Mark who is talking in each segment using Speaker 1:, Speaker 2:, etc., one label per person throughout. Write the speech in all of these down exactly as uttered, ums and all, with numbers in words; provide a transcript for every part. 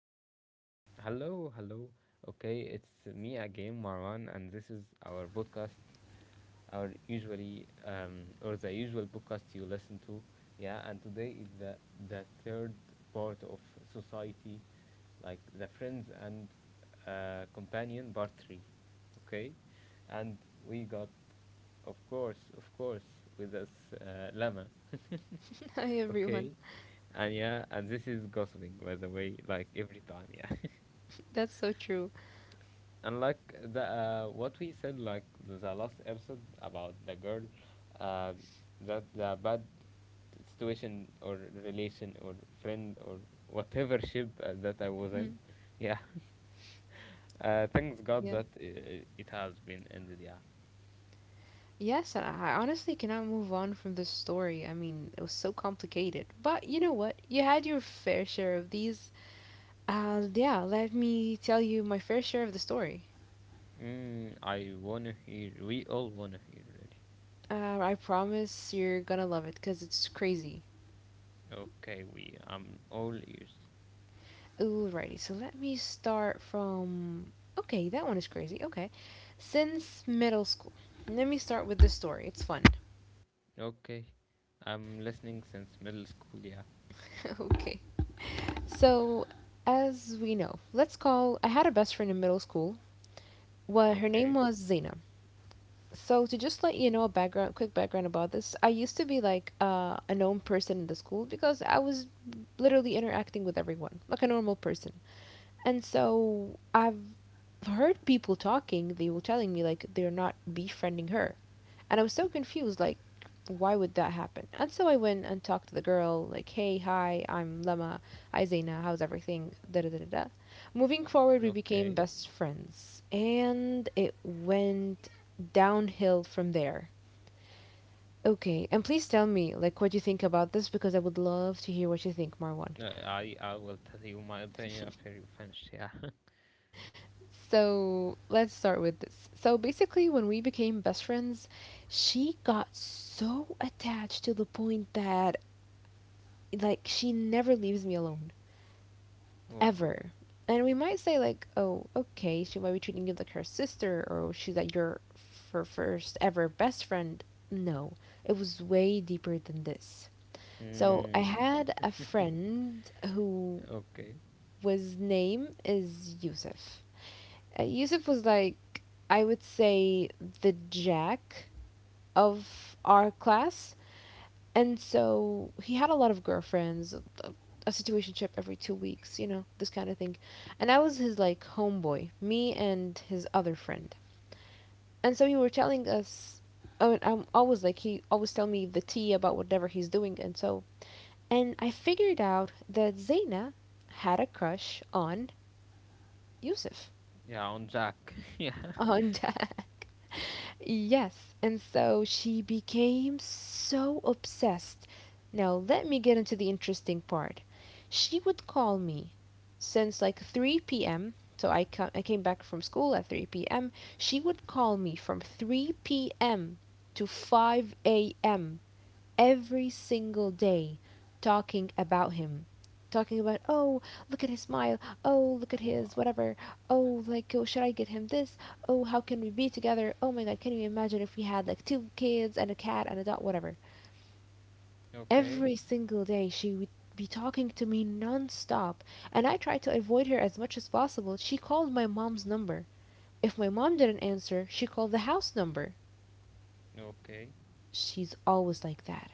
Speaker 1: Okay, hello, hello. Okay, it's me again, Marwan, and this is our podcast, our usually um or the usual podcast you listen to. Yeah, and today is the the third part of society, like the friends and uh, companion part three. Okay, and we got, of course, of course, with us uh, Lama.
Speaker 2: Hi everyone.
Speaker 1: Okay. And yeah, and this is gossiping, by the way, like every time, yeah.
Speaker 2: That's so true.
Speaker 1: And like the uh, what we said, like the last episode about the girl, uh, that the bad situation or relation or friend or whatever ship uh, that I was in,
Speaker 2: Mhm.
Speaker 1: yeah. Uh, thanks God
Speaker 2: Yeah.
Speaker 1: that uh, it has been ended, yeah.
Speaker 2: Yes, and I I honestly cannot move on from this story. I mean, it was so complicated. But you know what? You had your fair share of these. Uh, yeah, let me tell you my fair share of the story.
Speaker 1: Mm, I wanna hear. We all wanna hear, really.
Speaker 2: Uh, I promise you're gonna love it because it's crazy.
Speaker 1: Okay, we. I'm all ears.
Speaker 2: Alrighty, so let me start from. Okay, that one is crazy. Okay. Since middle school. Let me start with this story. It's fun.
Speaker 1: Okay. I'm listening since middle school, yeah.
Speaker 2: okay. So, as we know, let's call. I had a best friend in middle school. Well, her name
Speaker 1: Okay.
Speaker 2: was Zena. So, to just let you know a background, quick background about this, I used to be like uh, a known person in the school because I was literally interacting with everyone like a normal person. And so, I've heard people talking. They were telling me like they're not befriending her, and I was so confused, like, why would that happen? And so I went and talked to the girl, like, hey, hi, I'm Lama, hi Zaina, how's everything? Da da da da da. Moving forward, we became
Speaker 1: Okay.
Speaker 2: best friends, and it went downhill from there. Okay, and please tell me, like, what you think about this because I would love to hear what you think, Marwan.
Speaker 1: No, I I will tell you my opinion after you finish, yeah.
Speaker 2: So let's start with this. So basically, when we became best friends, she got so attached to the point that like she never leaves me alone
Speaker 1: Wow.
Speaker 2: ever. And we might say like, oh, okay, she might be treating you like her sister, or she's like your her first ever best friend. No, it was way deeper than this. So I
Speaker 1: Mm,
Speaker 2: had a friend who
Speaker 1: okay.
Speaker 2: was name is Yusuf. Uh, Yusuf was like I would say the jack of our class. And so he had a lot of girlfriends, a, a situationship every two weeks, you know, this kind of thing. And I was his like homeboy, me and his other friend. And so he were telling us, I mean, I'm always like he always tell me the tea about whatever he's doing, and so and I figured out that Zaina had a crush on Yusuf,
Speaker 1: Yeah, on Jack. Yeah.
Speaker 2: on yes, and so she became so obsessed. Now, let me get into the interesting part. She would call me since like three p m. So I, ca- I came back from school at three p m. She would call me from three p m to five a m every single day, talking about him, talking about, oh, look at his smile, oh, look at his
Speaker 1: Wow.
Speaker 2: whatever, oh, like, oh, should I get him this, oh, how can we be together, oh my god, can you imagine if we had like two kids and a cat and a dog, whatever.
Speaker 1: Okay.
Speaker 2: Every single day she would be talking to me non-stop, and I tried to avoid her as much as possible. She called my mom's number. If my mom didn't answer, she called the house number.
Speaker 1: Okay.
Speaker 2: She's always like that.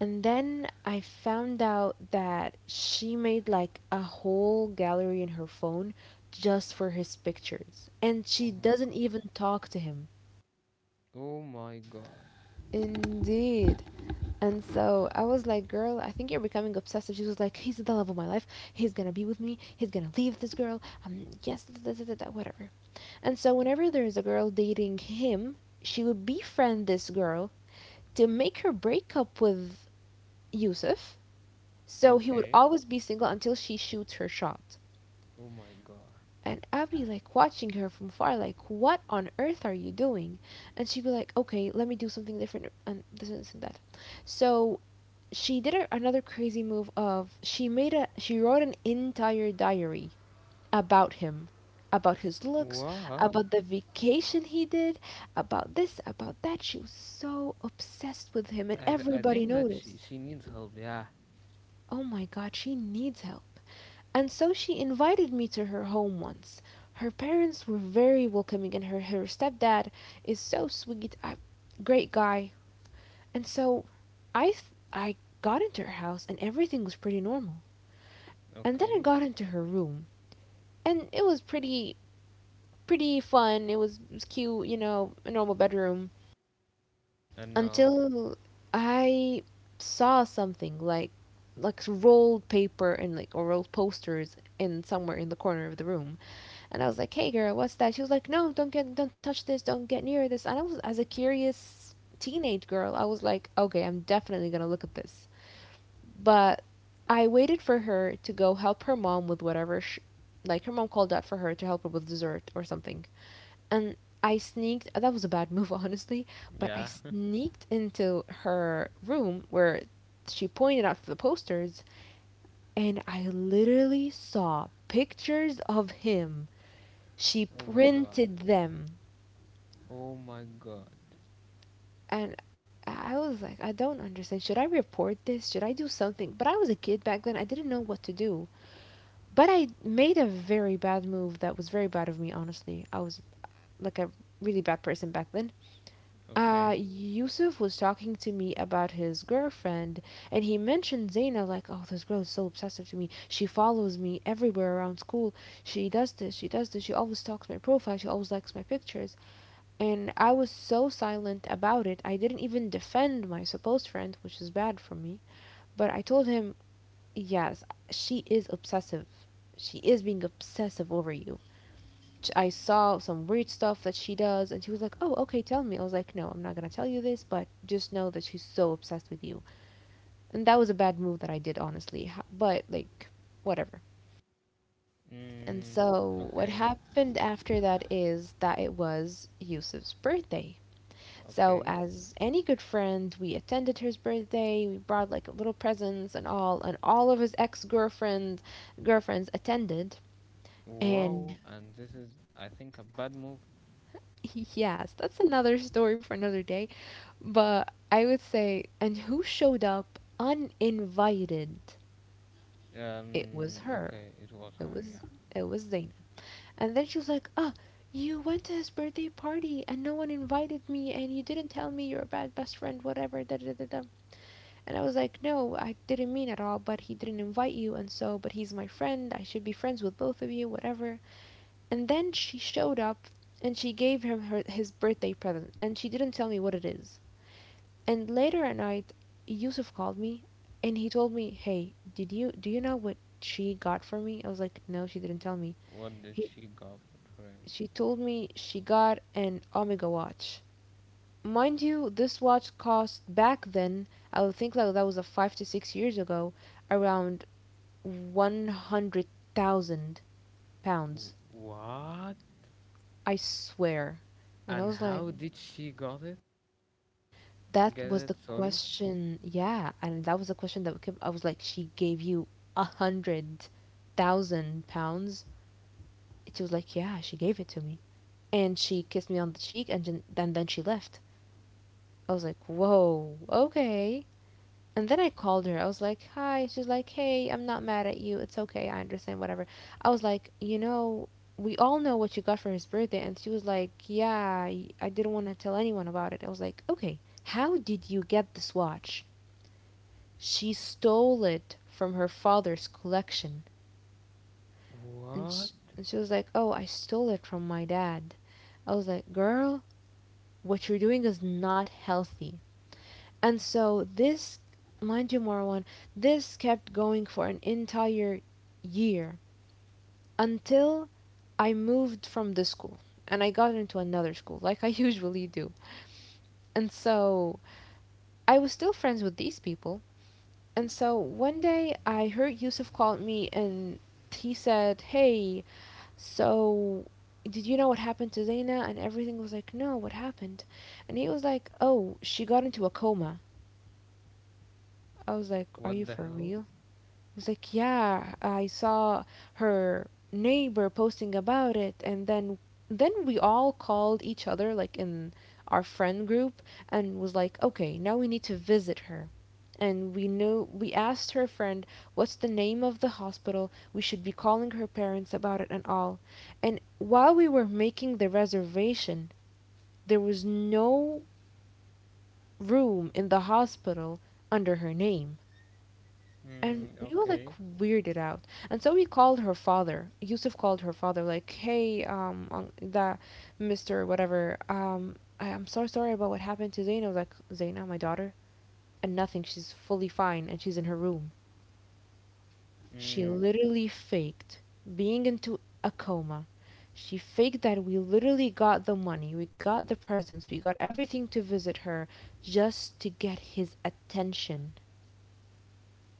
Speaker 2: And then I found out that she made like a whole gallery in her phone just for his pictures. And she
Speaker 1: Oh my
Speaker 2: doesn't
Speaker 1: god.
Speaker 2: even talk to him.
Speaker 1: Oh my god.
Speaker 2: Indeed. And so I was like, girl, I think you're becoming obsessive. She was like, he's the love of my life. He's gonna be with me. He's gonna leave this girl. Um, yes, da, da, da, da, whatever. And so whenever there is a girl dating him, she would befriend this girl to make her break up with Yusuf. So he would
Speaker 1: Okay.
Speaker 2: always be single until she shoots her shot.
Speaker 1: Oh my god.
Speaker 2: And I'd be like watching her from far, like, what on earth are you doing? And she'd be like, okay, let me do something different and this and this and that. So she did a, another crazy move of she made a she wrote an entire diary about him, about his looks,
Speaker 1: Wow.
Speaker 2: about the vacation he did, about this, about that. She was so obsessed with him, and
Speaker 1: I th- I
Speaker 2: everybody
Speaker 1: think that she
Speaker 2: noticed.
Speaker 1: she needs help, yeah.
Speaker 2: Oh my God, she needs help. And so she invited me to her home once. Her parents were very welcoming and her, her stepdad is so sweet, a great guy. And so I th- I got into her house and everything was pretty normal. And then I
Speaker 1: Okay.
Speaker 2: got into her room and it was pretty pretty fun. It was, it was cute, you know, a normal bedroom
Speaker 1: I know.
Speaker 2: until I saw something like like rolled paper and like or rolled posters in somewhere in the corner of the room. And I was like, "Hey, girl, what's that?" She was like, "No, don't get, don't touch this, don't get near this." And I was, as a curious teenage girl, I was like, "Okay, I'm definitely gonna look at this." But I waited for her to go help her mom with whatever, sh like her mom called out for her to help her with dessert or something. And I sneaked. That was a bad move, honestly. But I
Speaker 1: Yeah.
Speaker 2: sneaked into her room where she pointed out the posters, and I literally saw pictures of him she
Speaker 1: Oh my god.
Speaker 2: printed them.
Speaker 1: Oh my god.
Speaker 2: And I was like, I don't understand. Should I report this? Should I do something? But I was a kid back then. I didn't know what to do. But I made a very bad move that was very bad of me, honestly. I was like a really bad person back then. Uh,
Speaker 1: Okay.
Speaker 2: Yusuf was talking to me about his girlfriend, and he mentioned Zaina, like, oh, this girl is so obsessive to me. She follows me everywhere around school. She does this, she does this, she always stalks my profile, she always likes my pictures. And I was so silent about it, I didn't even defend my supposed friend, which is bad for me. But I told him, yes, she is obsessive. She is being obsessive over you. I saw some weird stuff that she does, and she was like, oh, okay, tell me. I was like, no, I'm not gonna tell you this, but just know that she's so obsessed with you. And that was a bad move that I did, honestly. But, like, whatever. And
Speaker 1: Mm,
Speaker 2: so, what
Speaker 1: okay,
Speaker 2: happened after that is that it was Yusuf's birthday. So,
Speaker 1: okay.
Speaker 2: as any good friend, we attended his birthday. We brought like little presents and all, and all of his ex girlfriend girlfriends attended. And
Speaker 1: Wow, and this is, I think, a bad move.
Speaker 2: yes, that's another story for another day. But I would say, and who showed up uninvited? It was
Speaker 1: Um,
Speaker 2: her.
Speaker 1: okay, it was
Speaker 2: It
Speaker 1: her,
Speaker 2: was
Speaker 1: yeah.
Speaker 2: it was Zaina. And then she was like, "Oh, you went to his birthday party and no one invited me, and you didn't tell me, you're a bad best friend, whatever." Da da da da. And I was like, no, I didn't mean at all, but he didn't invite you, and so, but he's my friend, I should be friends with both of you, whatever. And then she showed up and she gave him her, his birthday present, and she didn't tell me what it is. And later at night, Yusuf called me and he told me, hey, did you, do you know what she got for me? I was like, no, she didn't tell me.
Speaker 1: What did
Speaker 2: He,
Speaker 1: she got for for him?
Speaker 2: she told me she got an Omega watch. Mind you, this watch cost back then, I would think like that was a five to six years ago, around one hundred thousand
Speaker 1: W-
Speaker 2: pounds.
Speaker 1: What?
Speaker 2: I swear. And I
Speaker 1: And
Speaker 2: was like,
Speaker 1: how did she got it?
Speaker 2: that
Speaker 1: Get
Speaker 2: was the
Speaker 1: it? Sorry.
Speaker 2: question. Yeah, and that was the question that kept. I was like, she gave you a hundred thousand pounds. She was like, yeah, she gave it to me, and she kissed me on the cheek, and then then then she left. I was like, whoa, okay. And then I called her. I was like, "Hi." She's like, "Hey, I'm not mad at you. It's okay. I understand. Whatever." I was like, "You know, we all know what you got for his birthday." And she was like, "Yeah, y- I didn't want to tell anyone about it." I was like, "Okay. How did you get this watch?" She stole it from her father's collection. And
Speaker 1: What?
Speaker 2: sh- and she was like, "Oh, I stole it from my dad." I was like, "Girl, what you're doing is not healthy." And so this Mind one, this kept going for an entire year until I moved from the school and I got into another school, like I usually do. And so I was still friends with these people. And so one day I heard Yusuf called me and he said, Hey, so did you know what happened to Zaina? And everything was like, No, what happened? And he was like, Oh, she got into a coma. I was like, Are you
Speaker 1: What the
Speaker 2: for
Speaker 1: hell?
Speaker 2: real? It's like, yeah, I saw her neighbor posting about it, and then then we all called each other like in our friend group and was like, okay, now we need to visit her. And we knew we asked her friend what's the name of the hospital. We should be calling her parents about it and all. And while we were making the reservation, there was no room in the hospital under her name. And
Speaker 1: Hmm,
Speaker 2: we were like
Speaker 1: okay.
Speaker 2: weirded out. And so we called her father. Yusuf called her father, like, hey, um, un- that Mister whatever, um, I, I'm so sorry about what happened to Zaina. I was like, Zaina, my daughter? And nothing, she's fully fine and she's in her room. She
Speaker 1: Hmm.
Speaker 2: literally faked being into a coma. She faked that we literally got the money, we got the presents, we got everything to visit her just to get his attention.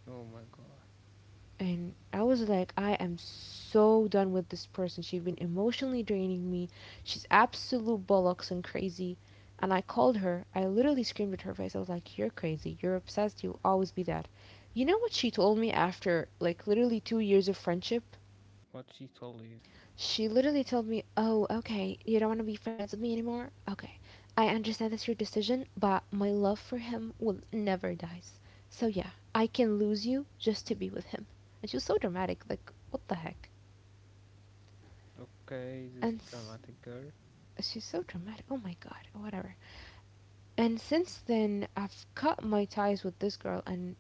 Speaker 1: Oh my god.
Speaker 2: And I was like, I am so done with this person. She's been emotionally draining me. She's absolute bollocks and crazy. And I called her. I literally screamed at her face. I was like, you're crazy. You're obsessed. You'll always be that. You know what she told me after, like, literally two years of friendship?
Speaker 1: What she told you?
Speaker 2: She literally told me, "Oh, okay, you don't want to be friends with me anymore? Okay. I understand that's your decision, but my love for him will never die. So yeah, I can lose you just to be with him." And she was so dramatic, like, what the heck?
Speaker 1: Okay, this
Speaker 2: And
Speaker 1: dramatic girl.
Speaker 2: she's so dramatic. Oh my god, whatever. And since then, I've cut my ties with this girl, and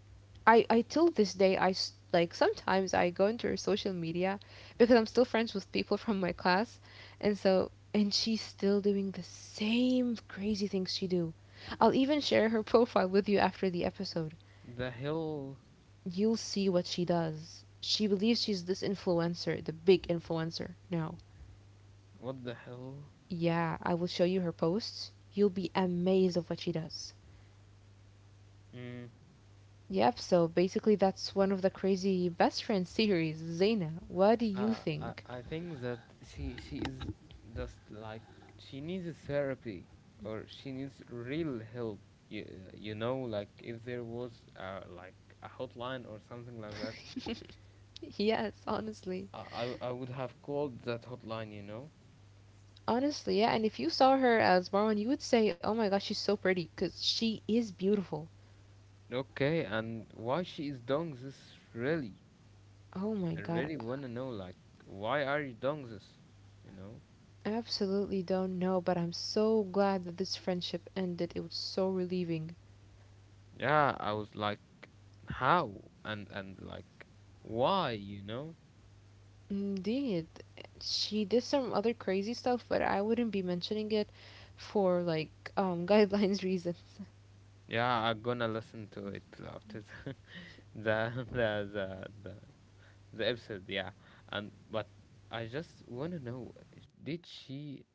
Speaker 2: I, I till this day, I s- like sometimes I go into her social media because I'm still friends with people from my class, and so and she's still doing the same crazy things she do. I'll even share her profile with you after the episode.
Speaker 1: The hell?
Speaker 2: You'll see what she does. She believes she's this influencer, the big influencer now.
Speaker 1: What the hell?
Speaker 2: Yeah, I will show you her posts. You'll be amazed of what she does.
Speaker 1: Hmm.
Speaker 2: Yep, so basically that's one of the crazy best friend series. Zaina, what do you
Speaker 1: Uh, I,
Speaker 2: think?
Speaker 1: I think that she she is just like she needs a therapy or she needs real help. You, you know, like if there was uh, like a hotline or something like that,
Speaker 2: Yes, honestly.
Speaker 1: I, I I would have called that hotline. You know.
Speaker 2: Honestly, yeah, and if you saw her as Marwan, you would say, "Oh my gosh, she's so pretty," because she is beautiful.
Speaker 1: Okay, and why she is doing this really?
Speaker 2: Oh my
Speaker 1: I
Speaker 2: god,
Speaker 1: really wanna know. Like, why are you doing this? You know?
Speaker 2: I absolutely don't know, but I'm so glad that this friendship ended. It was so relieving.
Speaker 1: Yeah, I was like, how and and like, why? You know?
Speaker 2: Indeed, she did some other crazy stuff, but I wouldn't be mentioning it for like um guidelines reason.
Speaker 1: Yeah, I'm gonna listen to it after the the the the, the, the episode. Yeah, and but I just wanna know, did she?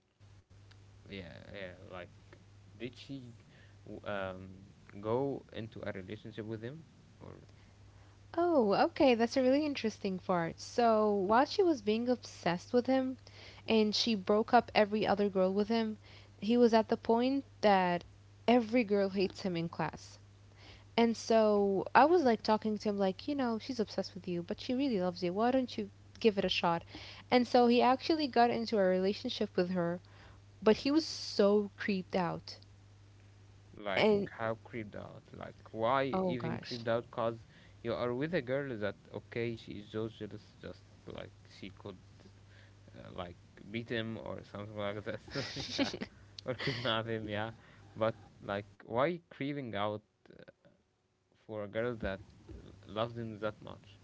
Speaker 1: Yeah, yeah. Like, did she w- um go into a relationship with him, or
Speaker 2: Oh, okay, that's a really interesting part. So, while she was being obsessed with him and she broke up every other girl with him, he was at the point that every girl hates him in class. And so I was like talking to him, like, you know, she's obsessed with you, but she really loves you. Why don't you give it a shot? And so he actually got into a relationship with her, but he was so creeped out.
Speaker 1: like
Speaker 2: And
Speaker 1: how creeped out? Like, why
Speaker 2: oh
Speaker 1: even
Speaker 2: gosh.
Speaker 1: creeped out? Cause you are with a girl that okay, she is so jealous, just like she could uh, like beat him or something like this, yeah, or kidnap him, yeah. But like, why craving out for a girl that loved him that much?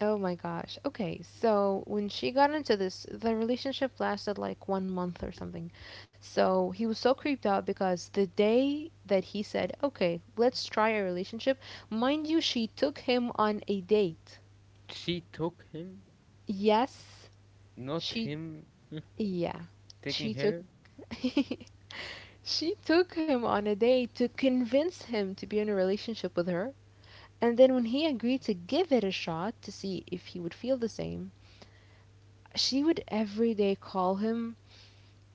Speaker 2: Oh my gosh. Okay, so when she got into this, the relationship lasted like one month or something. So he was so creeped out because the day that he said, okay, let's try a relationship, mind you, she took him on a date.
Speaker 1: She took him,
Speaker 2: Yes,
Speaker 1: not
Speaker 2: she,
Speaker 1: him
Speaker 2: yeah,
Speaker 1: taking
Speaker 2: she took.
Speaker 1: her.
Speaker 2: She took him on a date to convince him to be in a relationship with her. And then when he agreed to give it a shot to see if he would feel the same, she would every day call him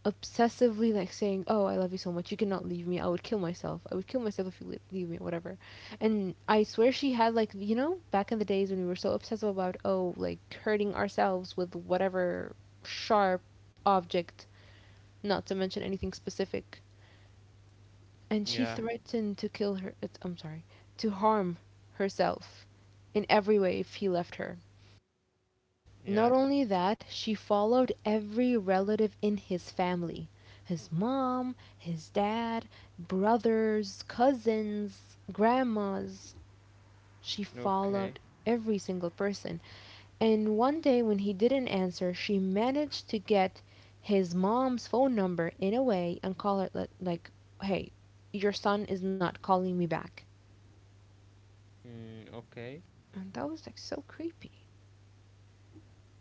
Speaker 2: obsessively like saying, "Oh, I love you so much. You cannot leave me. I would kill myself. I would kill myself if you leave, leave me, or whatever." And I swear she had, like, you know, back in the days when we were so obsessive about, oh, like hurting ourselves with whatever sharp object, not to mention anything specific. And she
Speaker 1: Yeah,
Speaker 2: threatened to kill her. uh, I'm sorry, to harm herself in every way if he left her.
Speaker 1: yeah,
Speaker 2: Not only that, she followed every relative in his family, his mom, his dad, brothers, cousins, grandmas. She followed
Speaker 1: okay,
Speaker 2: every single person. And one day when he didn't answer, she managed to get his mom's phone number in a way and call it, like, like, hey, your son is not calling me back.
Speaker 1: mm, okay.
Speaker 2: And that was like so creepy.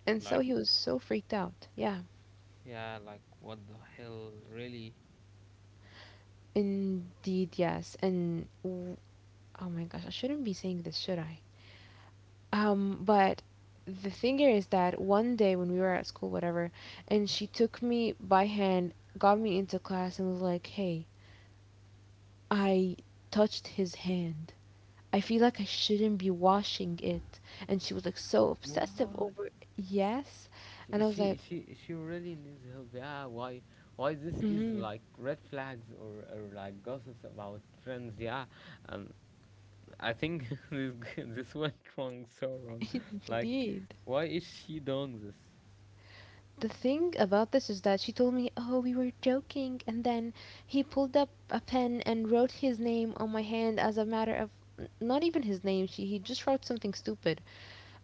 Speaker 2: And so
Speaker 1: Like,
Speaker 2: he was so freaked out. Yeah.
Speaker 1: yeah, like what the hell, really?
Speaker 2: Indeed, yes. And w- oh my gosh, I shouldn't be saying this, should I? Um, but the thing here is that one day when we were at school, whatever, and she took me by hand, got me into class, and was like, hey, I touched his hand. I feel like I shouldn't be washing it. And she was like so obsessive
Speaker 1: What?
Speaker 2: over it. Yes.
Speaker 1: She,
Speaker 2: And I was
Speaker 1: she
Speaker 2: like,
Speaker 1: she she really needs help. Yeah, why why this is
Speaker 2: mm-hmm.
Speaker 1: like red flags or, or like gossips about friends. Yeah, and I think this g- this went wrong so wrong. Like,
Speaker 2: Indeed.
Speaker 1: why is she doing this?
Speaker 2: The thing about this is that she told me, "Oh, we were joking," and then he pulled up a pen and wrote his name on my hand as a matter of not even his name. She He just wrote something stupid.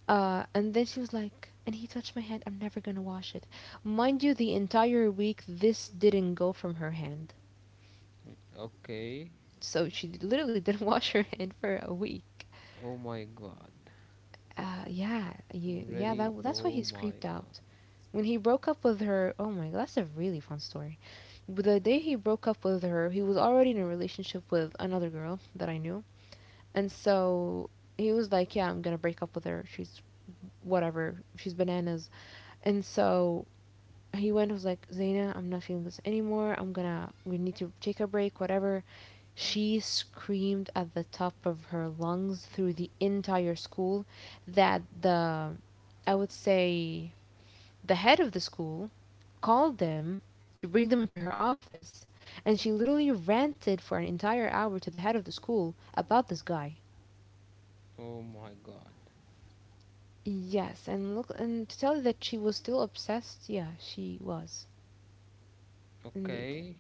Speaker 2: Uh, and then she was like, and he touched my hand. I'm never gonna wash it. Mind you, the entire week this didn't go from her hand.
Speaker 1: Okay.
Speaker 2: So she literally didn't wash her hand for a week.
Speaker 1: Oh my god.
Speaker 2: Uh, yeah, you, yeah.
Speaker 1: Really?
Speaker 2: That that's why
Speaker 1: Oh
Speaker 2: he's
Speaker 1: my
Speaker 2: creeped
Speaker 1: god.
Speaker 2: out. When he broke up with her, oh my god, that's a really fun story. But the day he broke up with her, he was already in a relationship with another girl that I knew. And so he was like, yeah, I'm gonna break up with her. She's whatever. She's bananas. And so he went and was like, Zaina, I'm not feeling this anymore. I'm gonna, we need to take a break, whatever. She screamed at the top of her lungs through the entire school that the, I would say, the head of the school called them to bring them into her office, and she literally ranted for an entire hour to the head of the school about this guy.
Speaker 1: Oh my god.
Speaker 2: Yes, and look, and to tell you that she was still obsessed, yeah, she was indeed.
Speaker 1: Okay.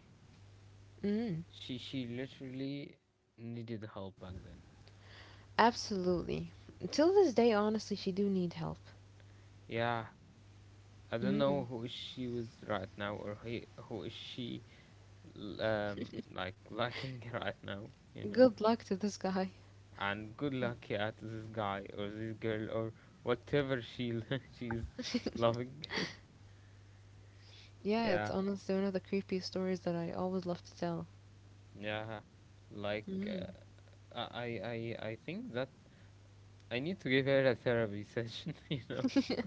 Speaker 2: Mm,
Speaker 1: She she literally needed help back then.
Speaker 2: absolutely. Till this day, honestly, she do need help.
Speaker 1: Yeah. I don't
Speaker 2: Mm,
Speaker 1: know who is she was right now or he, who is she um like liking right now, you know.
Speaker 2: good luck to this guy.
Speaker 1: And good luck yeah to this guy or this girl or whatever she she's loving.
Speaker 2: Yeah, it's
Speaker 1: Yeah,
Speaker 2: honestly one of the creepiest stories that I always love to tell.
Speaker 1: yeah, like
Speaker 2: Mm.
Speaker 1: uh, i i i think that I need to give her a therapy session. You know.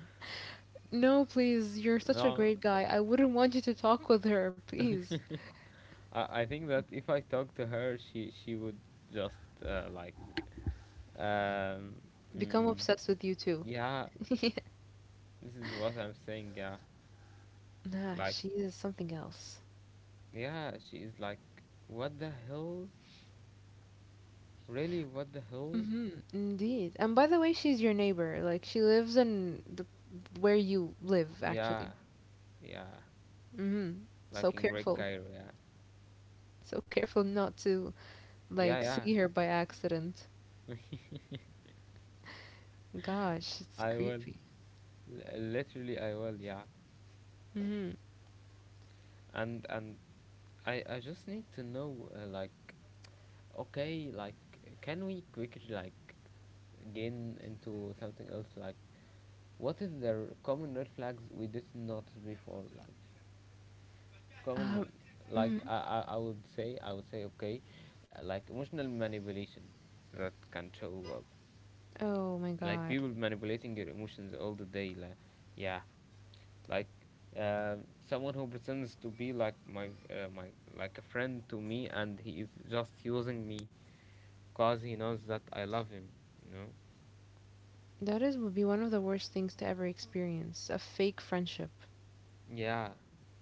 Speaker 2: No, please, you're such a
Speaker 1: No.
Speaker 2: great guy. I wouldn't want you to talk with her, please.
Speaker 1: I, I think that if I talk to her she she would just uh, like um
Speaker 2: Become
Speaker 1: mm,
Speaker 2: obsessed with you too.
Speaker 1: yeah, this is what I'm saying, yeah.
Speaker 2: Nah,
Speaker 1: Like,
Speaker 2: she is something else.
Speaker 1: yeah, she is like what the hell, really, what the hell,
Speaker 2: Hmm. Indeed. And by the way, she's your neighbor. Like she lives in the where you live actually.
Speaker 1: yeah, yeah,
Speaker 2: Hmm. So
Speaker 1: like in Great
Speaker 2: careful.
Speaker 1: Cairo, yeah.
Speaker 2: So careful not to
Speaker 1: Yeah,
Speaker 2: like
Speaker 1: yeah.
Speaker 2: see her by accident. Gosh, it's
Speaker 1: I will.
Speaker 2: creepy.
Speaker 1: L- literally, I will, yeah.
Speaker 2: Hmm.
Speaker 1: And and I I just need to know uh, like okay, like can we quickly like gain into something else like what is the r- common red flags we did not notice before like common
Speaker 2: Um.
Speaker 1: like
Speaker 2: Hmm.
Speaker 1: I, I i would say i would say okay uh, like emotional manipulation that can show up
Speaker 2: Oh my
Speaker 1: like people
Speaker 2: God.
Speaker 1: manipulating your emotions all the day like yeah like um someone who pretends to be like my uh, my like a friend to me and he is just using me cause he knows that I love him, you know.
Speaker 2: That is would be one of the worst things to ever experience. A fake friendship.
Speaker 1: Yeah,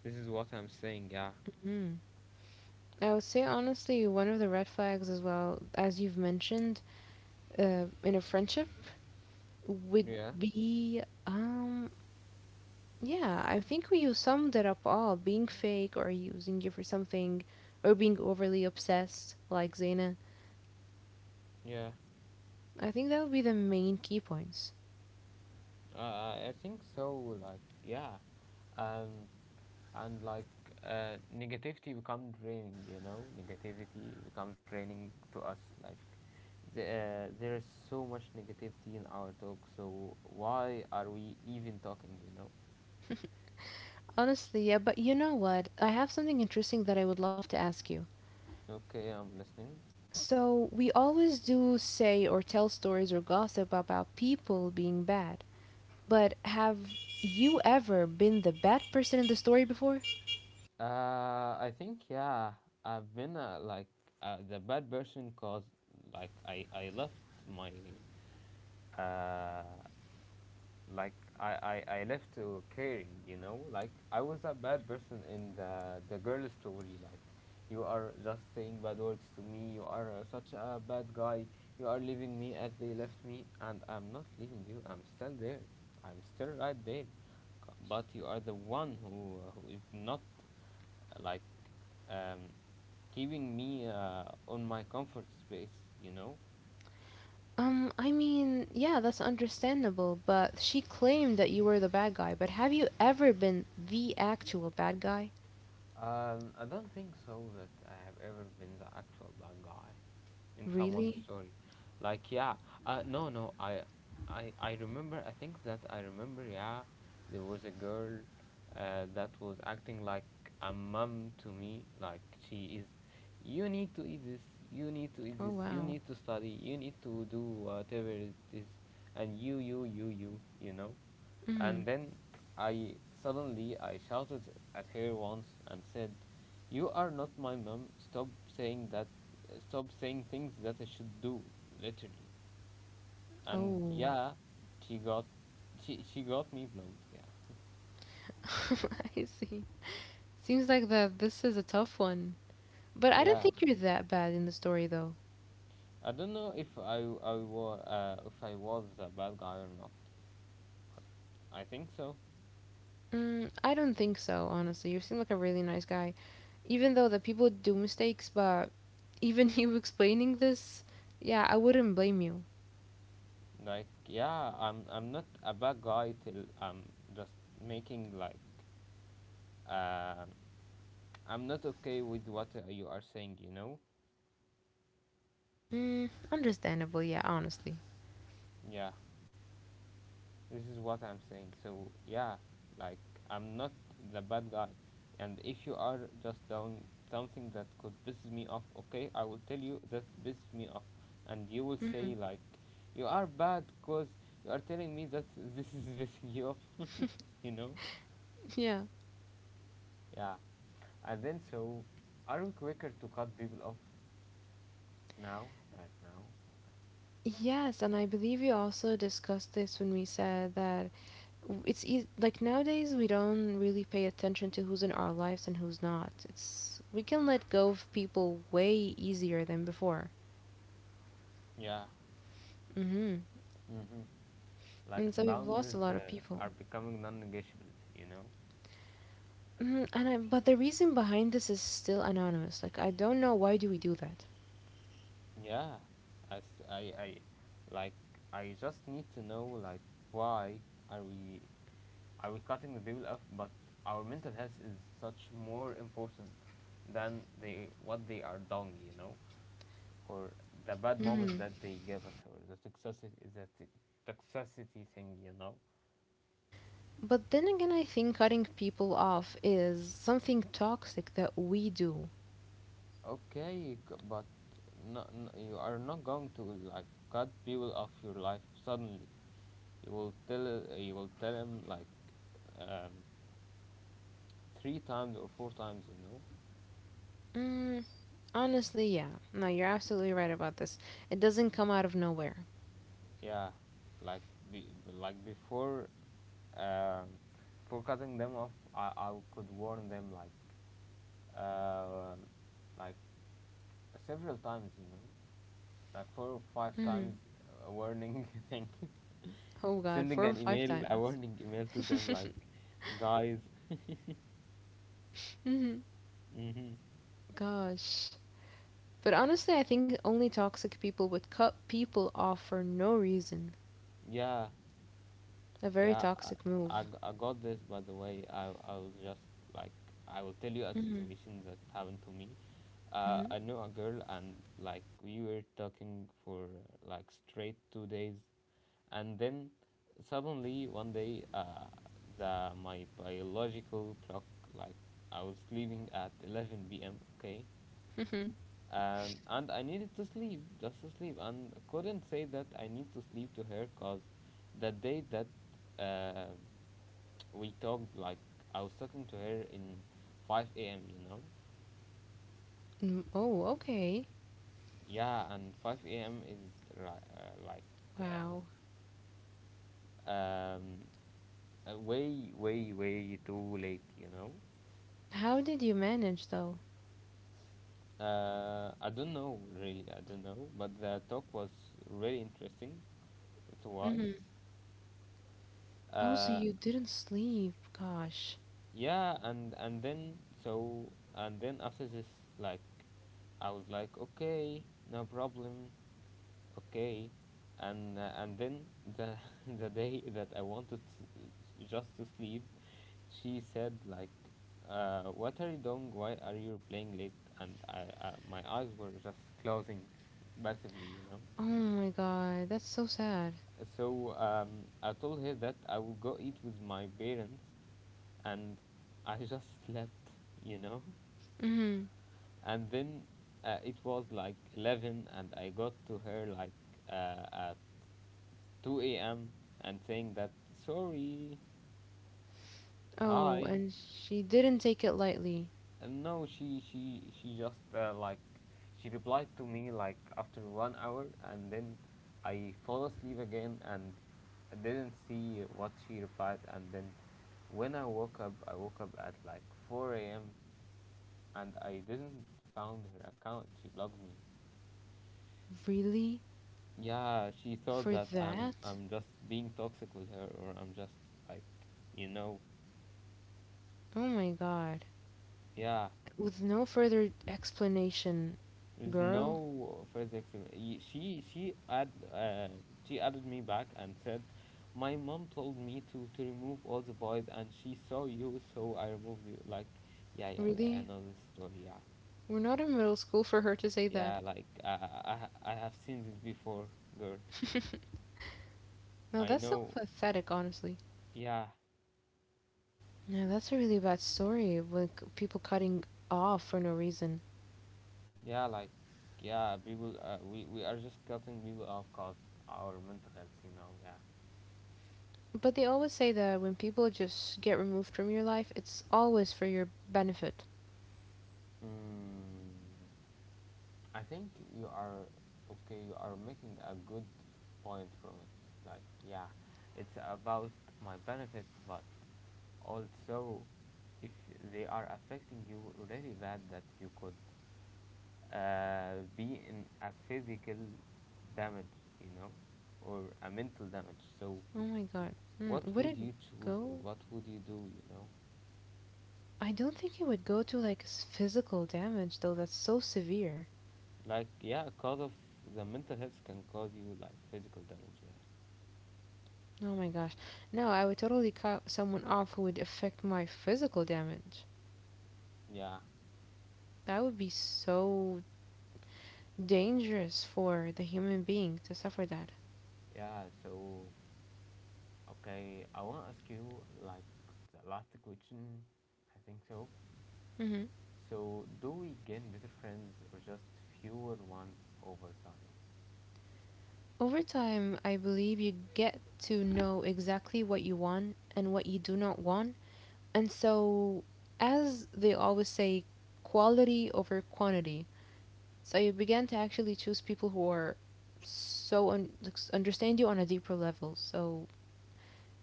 Speaker 1: this is what I'm saying, yeah
Speaker 2: Hmm. I would say honestly, one of the red flags as well, as you've mentioned, uh, in a friendship would
Speaker 1: yeah
Speaker 2: be um yeah, I think we summed it up all being fake or using you for something or being overly obsessed like Zaina.
Speaker 1: yeah
Speaker 2: I think that would be the main key points.
Speaker 1: uh, I think so. Like yeah, um and like uh, negativity becomes draining, you know, negativity becomes draining to us like the, uh, there is so much negativity in our talk so why are we even talking, you know.
Speaker 2: Honestly, yeah, but you know what, I have something interesting that I would love to ask you.
Speaker 1: Okay, I'm listening.
Speaker 2: So we always do say or tell stories or gossip about people being bad, but have you ever been the bad person in the story before?
Speaker 1: Uh, I think yeah, I've been uh, like uh, the bad person cause like I I left my uh like I I I left to caring, you know, like I was a bad person in the the girl story. Like you are just saying bad words to me. You are uh, such a bad guy. You are leaving me as they left me, and I'm not leaving you. I'm still there. I'm still right there. C- but you are the one who uh, who is not like um, keeping me uh, on my comfort space, you know?
Speaker 2: Um, I mean, yeah, that's understandable, but she claimed that you were the bad guy, but have you ever been the actual bad guy?
Speaker 1: Um, I don't think so that I have ever been the actual bad guy in someone's
Speaker 2: Really?
Speaker 1: story. Like yeah, uh, no no I, I i remember, I think that I remember, yeah, there was a girl uh, that was acting like a mom to me like she is you need to eat this you need to eat
Speaker 2: Oh,
Speaker 1: this, you
Speaker 2: wow.
Speaker 1: need to study, you need to do whatever it is, and you you you you you know.
Speaker 2: Mm.
Speaker 1: And then I suddenly I shouted at her once and said you are not my mom. Stop saying that. Stop saying things that I should do, literally. And
Speaker 2: Oh.
Speaker 1: yeah, she got, she she got me blocked. Yeah,
Speaker 2: I see. Seems like that this is a tough one. But I don't
Speaker 1: yeah.
Speaker 2: think you're that bad in the story, though.
Speaker 1: I don't know if I I was uh, if I was a bad guy or not. I think so.
Speaker 2: Mm, I don't think so, honestly. You seem like a really nice guy, even though the people do mistakes, but even you explaining this, yeah, I wouldn't blame you.
Speaker 1: Like yeah, I'm I'm not a bad guy till I'm just making like um I'm not okay with what uh, you are saying. You know?
Speaker 2: Mm, understandable, yeah, honestly.
Speaker 1: Yeah. This is what I'm saying. So yeah, like I'm not the bad guy. And if you are just doing something that could piss me off, okay, I will tell you that pissed me off, and you will
Speaker 2: Hmm.
Speaker 1: say like, you are bad because you are telling me that this is pissing you off, you know?
Speaker 2: Yeah.
Speaker 1: Yeah. And then so, are we quicker to cut people off now? Right now?
Speaker 2: Yes, and I believe we also discussed this when we said that w- it's eas like nowadays we don't really pay attention to who's in our lives and who's not. It's we can let go of people way easier than before.
Speaker 1: Yeah.
Speaker 2: Hmm.
Speaker 1: Mm-hmm. Like
Speaker 2: And so we've lost a
Speaker 1: boundaries
Speaker 2: lot of
Speaker 1: uh,
Speaker 2: people.
Speaker 1: are becoming non-negotiable, you know?
Speaker 2: Hmm. And I, but the reason behind this is still anonymous. Like I don't know why do we do that.
Speaker 1: Yeah, I, s- I, I- like I just need to know like why are we are we cutting the people off? But our mental health is such more important than they what they are doing, you know, or the bad moment that they give us, or the toxicity the t- toxicity thing, you know.
Speaker 2: But then again, I think cutting people off is something toxic that we do.
Speaker 1: Okay, c- but no, no, you are not going to like cut people off your life suddenly. You will tell you will tell him like um, three times or four times, you know.
Speaker 2: Mm. Honestly, yeah. No, you're absolutely right about this. It doesn't come out of nowhere.
Speaker 1: Yeah, like be, like before, um, for cutting them off, I, I could warn them like uh, like several times, you know, like four or five
Speaker 2: Hmm.
Speaker 1: times, a warning thing,
Speaker 2: Oh God,
Speaker 1: sending
Speaker 2: four or
Speaker 1: an
Speaker 2: five
Speaker 1: email, a
Speaker 2: times.
Speaker 1: warning email to them like, guys,
Speaker 2: Hmm.
Speaker 1: hmm,
Speaker 2: Gosh. But honestly, I think only toxic people would cut people off for no reason.
Speaker 1: yeah.
Speaker 2: A very
Speaker 1: Yeah, I,
Speaker 2: toxic
Speaker 1: I,
Speaker 2: move.
Speaker 1: g- I got this by the way. I, I was just like, I will tell you a
Speaker 2: Hmm.
Speaker 1: situation that happened to me. Uh,
Speaker 2: Hmm.
Speaker 1: I knew a girl, and like, we were talking for like straight two days, and then suddenly one day, uh, the my biological clock, like, I was sleeping at eleven p m, okay? Um, and I needed to sleep, just to sleep, and I couldn't say that I need to sleep to her because the day that um we talked, like, I was talking to her in five a m. You know,
Speaker 2: Hmm. Oh, okay.
Speaker 1: yeah, and five a m is ri- uh, like
Speaker 2: Wow.
Speaker 1: uh, um, uh, way, way, way too late. You know,
Speaker 2: How did you manage though?
Speaker 1: uh, I don't know really. I don't know, but the talk was really interesting. That's why.
Speaker 2: Hmm. Oh, so
Speaker 1: Uh,
Speaker 2: you didn't sleep. Gosh.
Speaker 1: yeah, and and then so and then after this, like, I was like, okay, no problem. Okay, and uh, and then the the day that I wanted s s- just to sleep, she said like, uh, "What are you doing? Why are you playing late?" And I, uh, my eyes were just closing, passively, you know.
Speaker 2: Oh my God, that's so sad.
Speaker 1: So um, I told her that I will go eat with my parents, and I just slept, you know.
Speaker 2: Hmm.
Speaker 1: And then uh, it was like eleven, and I got to her like uh, at two a m and saying that sorry,
Speaker 2: Oh,
Speaker 1: hi.
Speaker 2: and she didn't take it lightly.
Speaker 1: And no, she she she just uh, like she replied to me like after one hour, and then I fall asleep again and I didn't see what she replied. And then when I woke up, I woke up at like four a m And I didn't found her account. She blocked me.
Speaker 2: Really?
Speaker 1: Yeah, she
Speaker 2: For
Speaker 1: thought that
Speaker 2: that?
Speaker 1: I'm I'm just being toxic with her, or I'm just like, you know,
Speaker 2: Oh my god.
Speaker 1: yeah.
Speaker 2: With no further explanation,
Speaker 1: There's
Speaker 2: girl?
Speaker 1: no further explanation. She she add uh, she added me back and said, "My mom told me to to remove all the boys, and she saw you, so I removed you." Like, yeah, yeah, yeah. I
Speaker 2: Really?
Speaker 1: know this story. Yeah,
Speaker 2: We're not in middle school for her to say that.
Speaker 1: yeah. Like, uh, I ha- I have seen this before, girl.
Speaker 2: Now
Speaker 1: I
Speaker 2: that's so
Speaker 1: know.
Speaker 2: pathetic, honestly.
Speaker 1: Yeah,
Speaker 2: Now that's a really bad story with people cutting off for no reason.
Speaker 1: yeah. Like, yeah. People, uh, we we are just cutting people off cause our mental health. You know. Yeah.
Speaker 2: But they always say that when people just get removed from your life, it's always for your benefit.
Speaker 1: Mm. I think you are okay. You are making a good point from it. Like, yeah, it's about my benefit, but also if they are affecting you really bad, that you could uh, be in a physical damage, you know, or a mental damage. So,
Speaker 2: Oh my god. Hmm,
Speaker 1: what
Speaker 2: would
Speaker 1: would
Speaker 2: it
Speaker 1: you choose, or
Speaker 2: go?
Speaker 1: what would you do, you know?
Speaker 2: I don't think it would go to like s- physical damage though, that's so severe.
Speaker 1: Like, yeah, cause of the mental health can cause you like physical damage. Yeah,
Speaker 2: Oh my gosh. No, I would totally cut someone off who would affect my physical damage.
Speaker 1: yeah,
Speaker 2: That would be so dangerous for the human being to suffer that.
Speaker 1: yeah. So okay, I want to ask you like the last question, I think so.
Speaker 2: Hmm.
Speaker 1: So, do we gain better friends or just fewer ones over time?
Speaker 2: Over time, I believe you get to know exactly what you want and what you do not want. And so, as they always say, quality over quantity. So you begin to actually choose people who are so un- understand you on a deeper level. So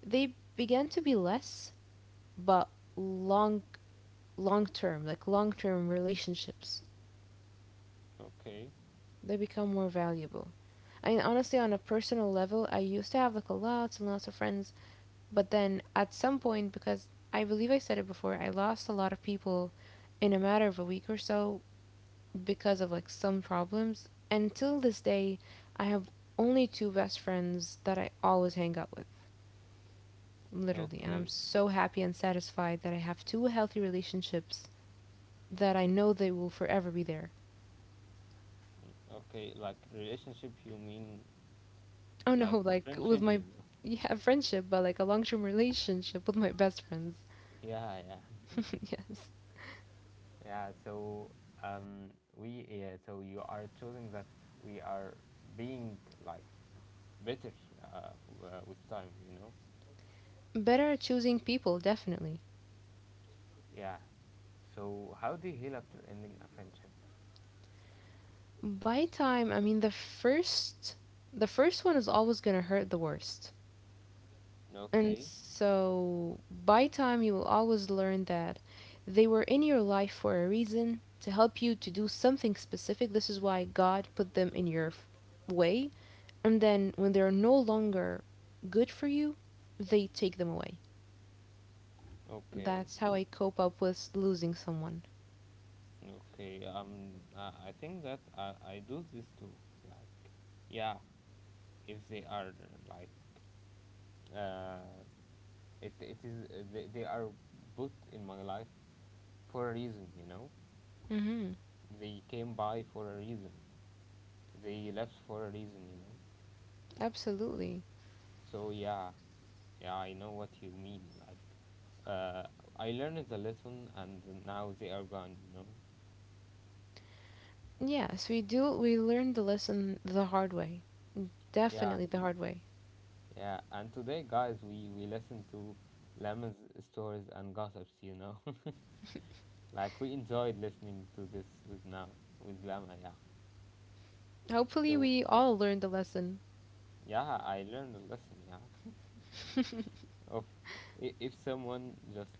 Speaker 2: they begin to be less, but long, long term, like long term relationships
Speaker 1: Okay,
Speaker 2: they become more valuable. I mean honestly on a personal level I used to have like a lots and lots of friends, but then at some point because I believe I said it before, I lost a lot of people in a matter of a week or so because of like some problems. And till this day I have only two best friends that I always hang out with literally, and I'm
Speaker 1: okay,
Speaker 2: so happy and satisfied that I have two healthy relationships that I know they will forever be there.
Speaker 1: okay. Like relationship, you mean
Speaker 2: Oh
Speaker 1: like
Speaker 2: no, like with
Speaker 1: friendship, you
Speaker 2: my
Speaker 1: know?
Speaker 2: yeah, a friendship, but like a long term relationship with my best friends.
Speaker 1: Yeah, yeah. Yeah, so um, we yeah, so you are choosing that we are being like better uh, w- uh, with time, you know?
Speaker 2: Better at choosing people, definitely.
Speaker 1: Yeah. So, how do you heal after ending a friendship?
Speaker 2: By time, I mean the first the first one is always gonna hurt the worst. And
Speaker 1: Okay,
Speaker 2: so by time you will always learn that they were in your life for a reason, to help you to do something specific. This is why God put them in your f- way. And then when they're no longer good for you, they take them away.
Speaker 1: okay,
Speaker 2: That's how I cope up with losing someone.
Speaker 1: okay. Um, I I think that I, I do this too. Like, yeah, if they are uh, like, uh, it it is uh, they, they are put in my life for a reason, you know.
Speaker 2: Hmm.
Speaker 1: They came by for a reason. They left for a reason, you know.
Speaker 2: Absolutely.
Speaker 1: So yeah, yeah, I know what you mean. Like, uh, I learned the lesson, and now they are gone, you know.
Speaker 2: Yes, we do. We learn the lesson the hard way.
Speaker 1: Yeah,
Speaker 2: Definitely the hard way.
Speaker 1: yeah, and today, guys, we we listened to Lemon's stories and gossips. You know, like we enjoyed listening to this with now with Lama. Yeah.
Speaker 2: Hopefully,
Speaker 1: So
Speaker 2: we all learn the lesson.
Speaker 1: yeah, I learned a lesson. Yeah, of i- if someone just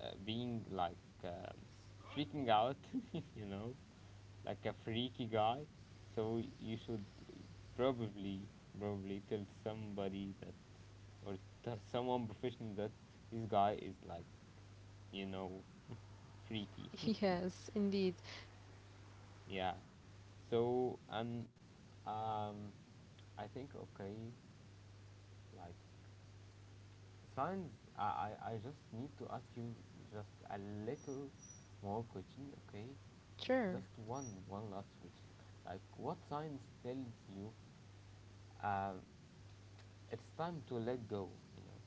Speaker 1: uh, being like uh, freaking out, you know, like a freaky guy, so you should probably probably tell somebody that or t- someone professional that this guy is like you know, freaky.
Speaker 2: Yes, indeed.
Speaker 1: yeah. So um, um, I think okay, like signs. I, I I just need to ask you just a little more question, okay?
Speaker 2: Sure.
Speaker 1: Just one one last question. Like, what signs tells you um it's time to let go? You know.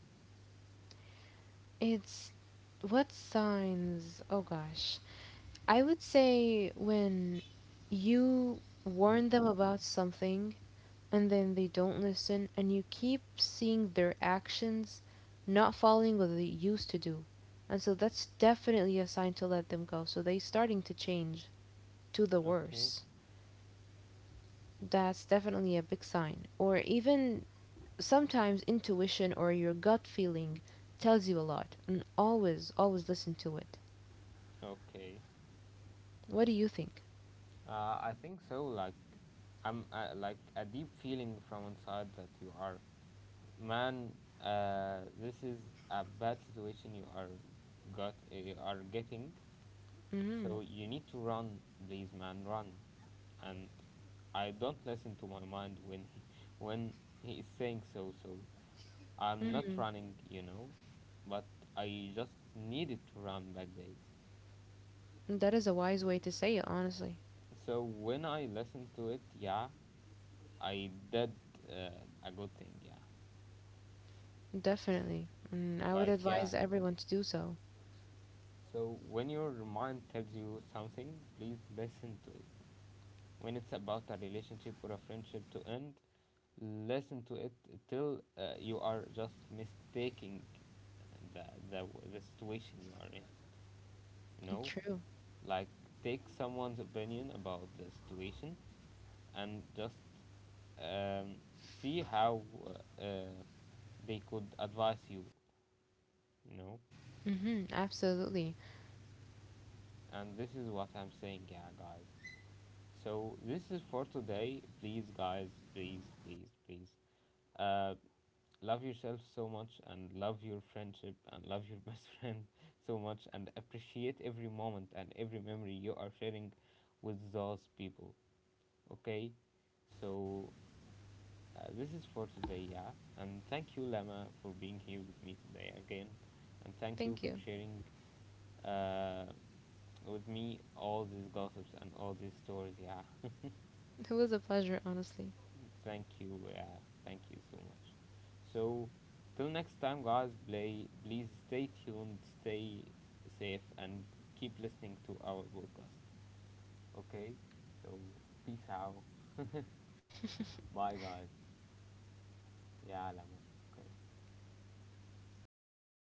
Speaker 2: It's what signs? Oh gosh. I would say when you warn them
Speaker 1: Mhm.
Speaker 2: about something and then they don't listen, and you keep seeing their actions not following what they used to do. And so that's definitely a sign to let them go. So they starting to change to the
Speaker 1: Okay.
Speaker 2: worse. That's definitely a big sign. Or even sometimes intuition or your gut feeling tells you a lot. And always, always listen to it.
Speaker 1: Okay.
Speaker 2: What do you think?
Speaker 1: Uh, I think so. Like, I'm uh, like a deep feeling from inside that you are man, uh, this is a bad situation you are got uh, you are getting,
Speaker 2: Mm-hmm.
Speaker 1: so you need to run, please man, run. And I don't listen to my mind when he, when he is saying, so so I'm not
Speaker 2: Mm-hmm.
Speaker 1: running, you know. But I just needed to run back days.
Speaker 2: That is a wise way to say it, honestly.
Speaker 1: So when I listened to it, yeah, I did uh, a good thing, yeah.
Speaker 2: Definitely. And I would
Speaker 1: Like, yeah.
Speaker 2: advise everyone to do so.
Speaker 1: So, when your mind tells you something, please listen to it. When it's about a relationship or a friendship to end, listen to it till uh, you are just mistaking uh, the, the the situation you are in. You know,
Speaker 2: True.
Speaker 1: like take someone's opinion about the situation and just um, see how uh, uh, they could advise you. You know,
Speaker 2: Hmm. Absolutely.
Speaker 1: and this is what I'm saying, yeah, guys. So this is for today. Please, guys, please, please, please. Uh, love yourself so much and love your friendship and love your best friend so much and appreciate every moment and every memory you are sharing with those people. Okay? So uh, this is for today, yeah. And thank you, Lama, for being here with me today again. And thank you
Speaker 2: Thank
Speaker 1: for
Speaker 2: you.
Speaker 1: sharing uh, with me all these gossips and all these stories, yeah.
Speaker 2: It was a pleasure, honestly.
Speaker 1: Thank you. Yeah, thank you so much. So, till next time, guys. Play, please stay tuned, stay safe, and keep listening to our podcast. Okay. So, peace out. Bye, guys. Yeah, Lama. Okay.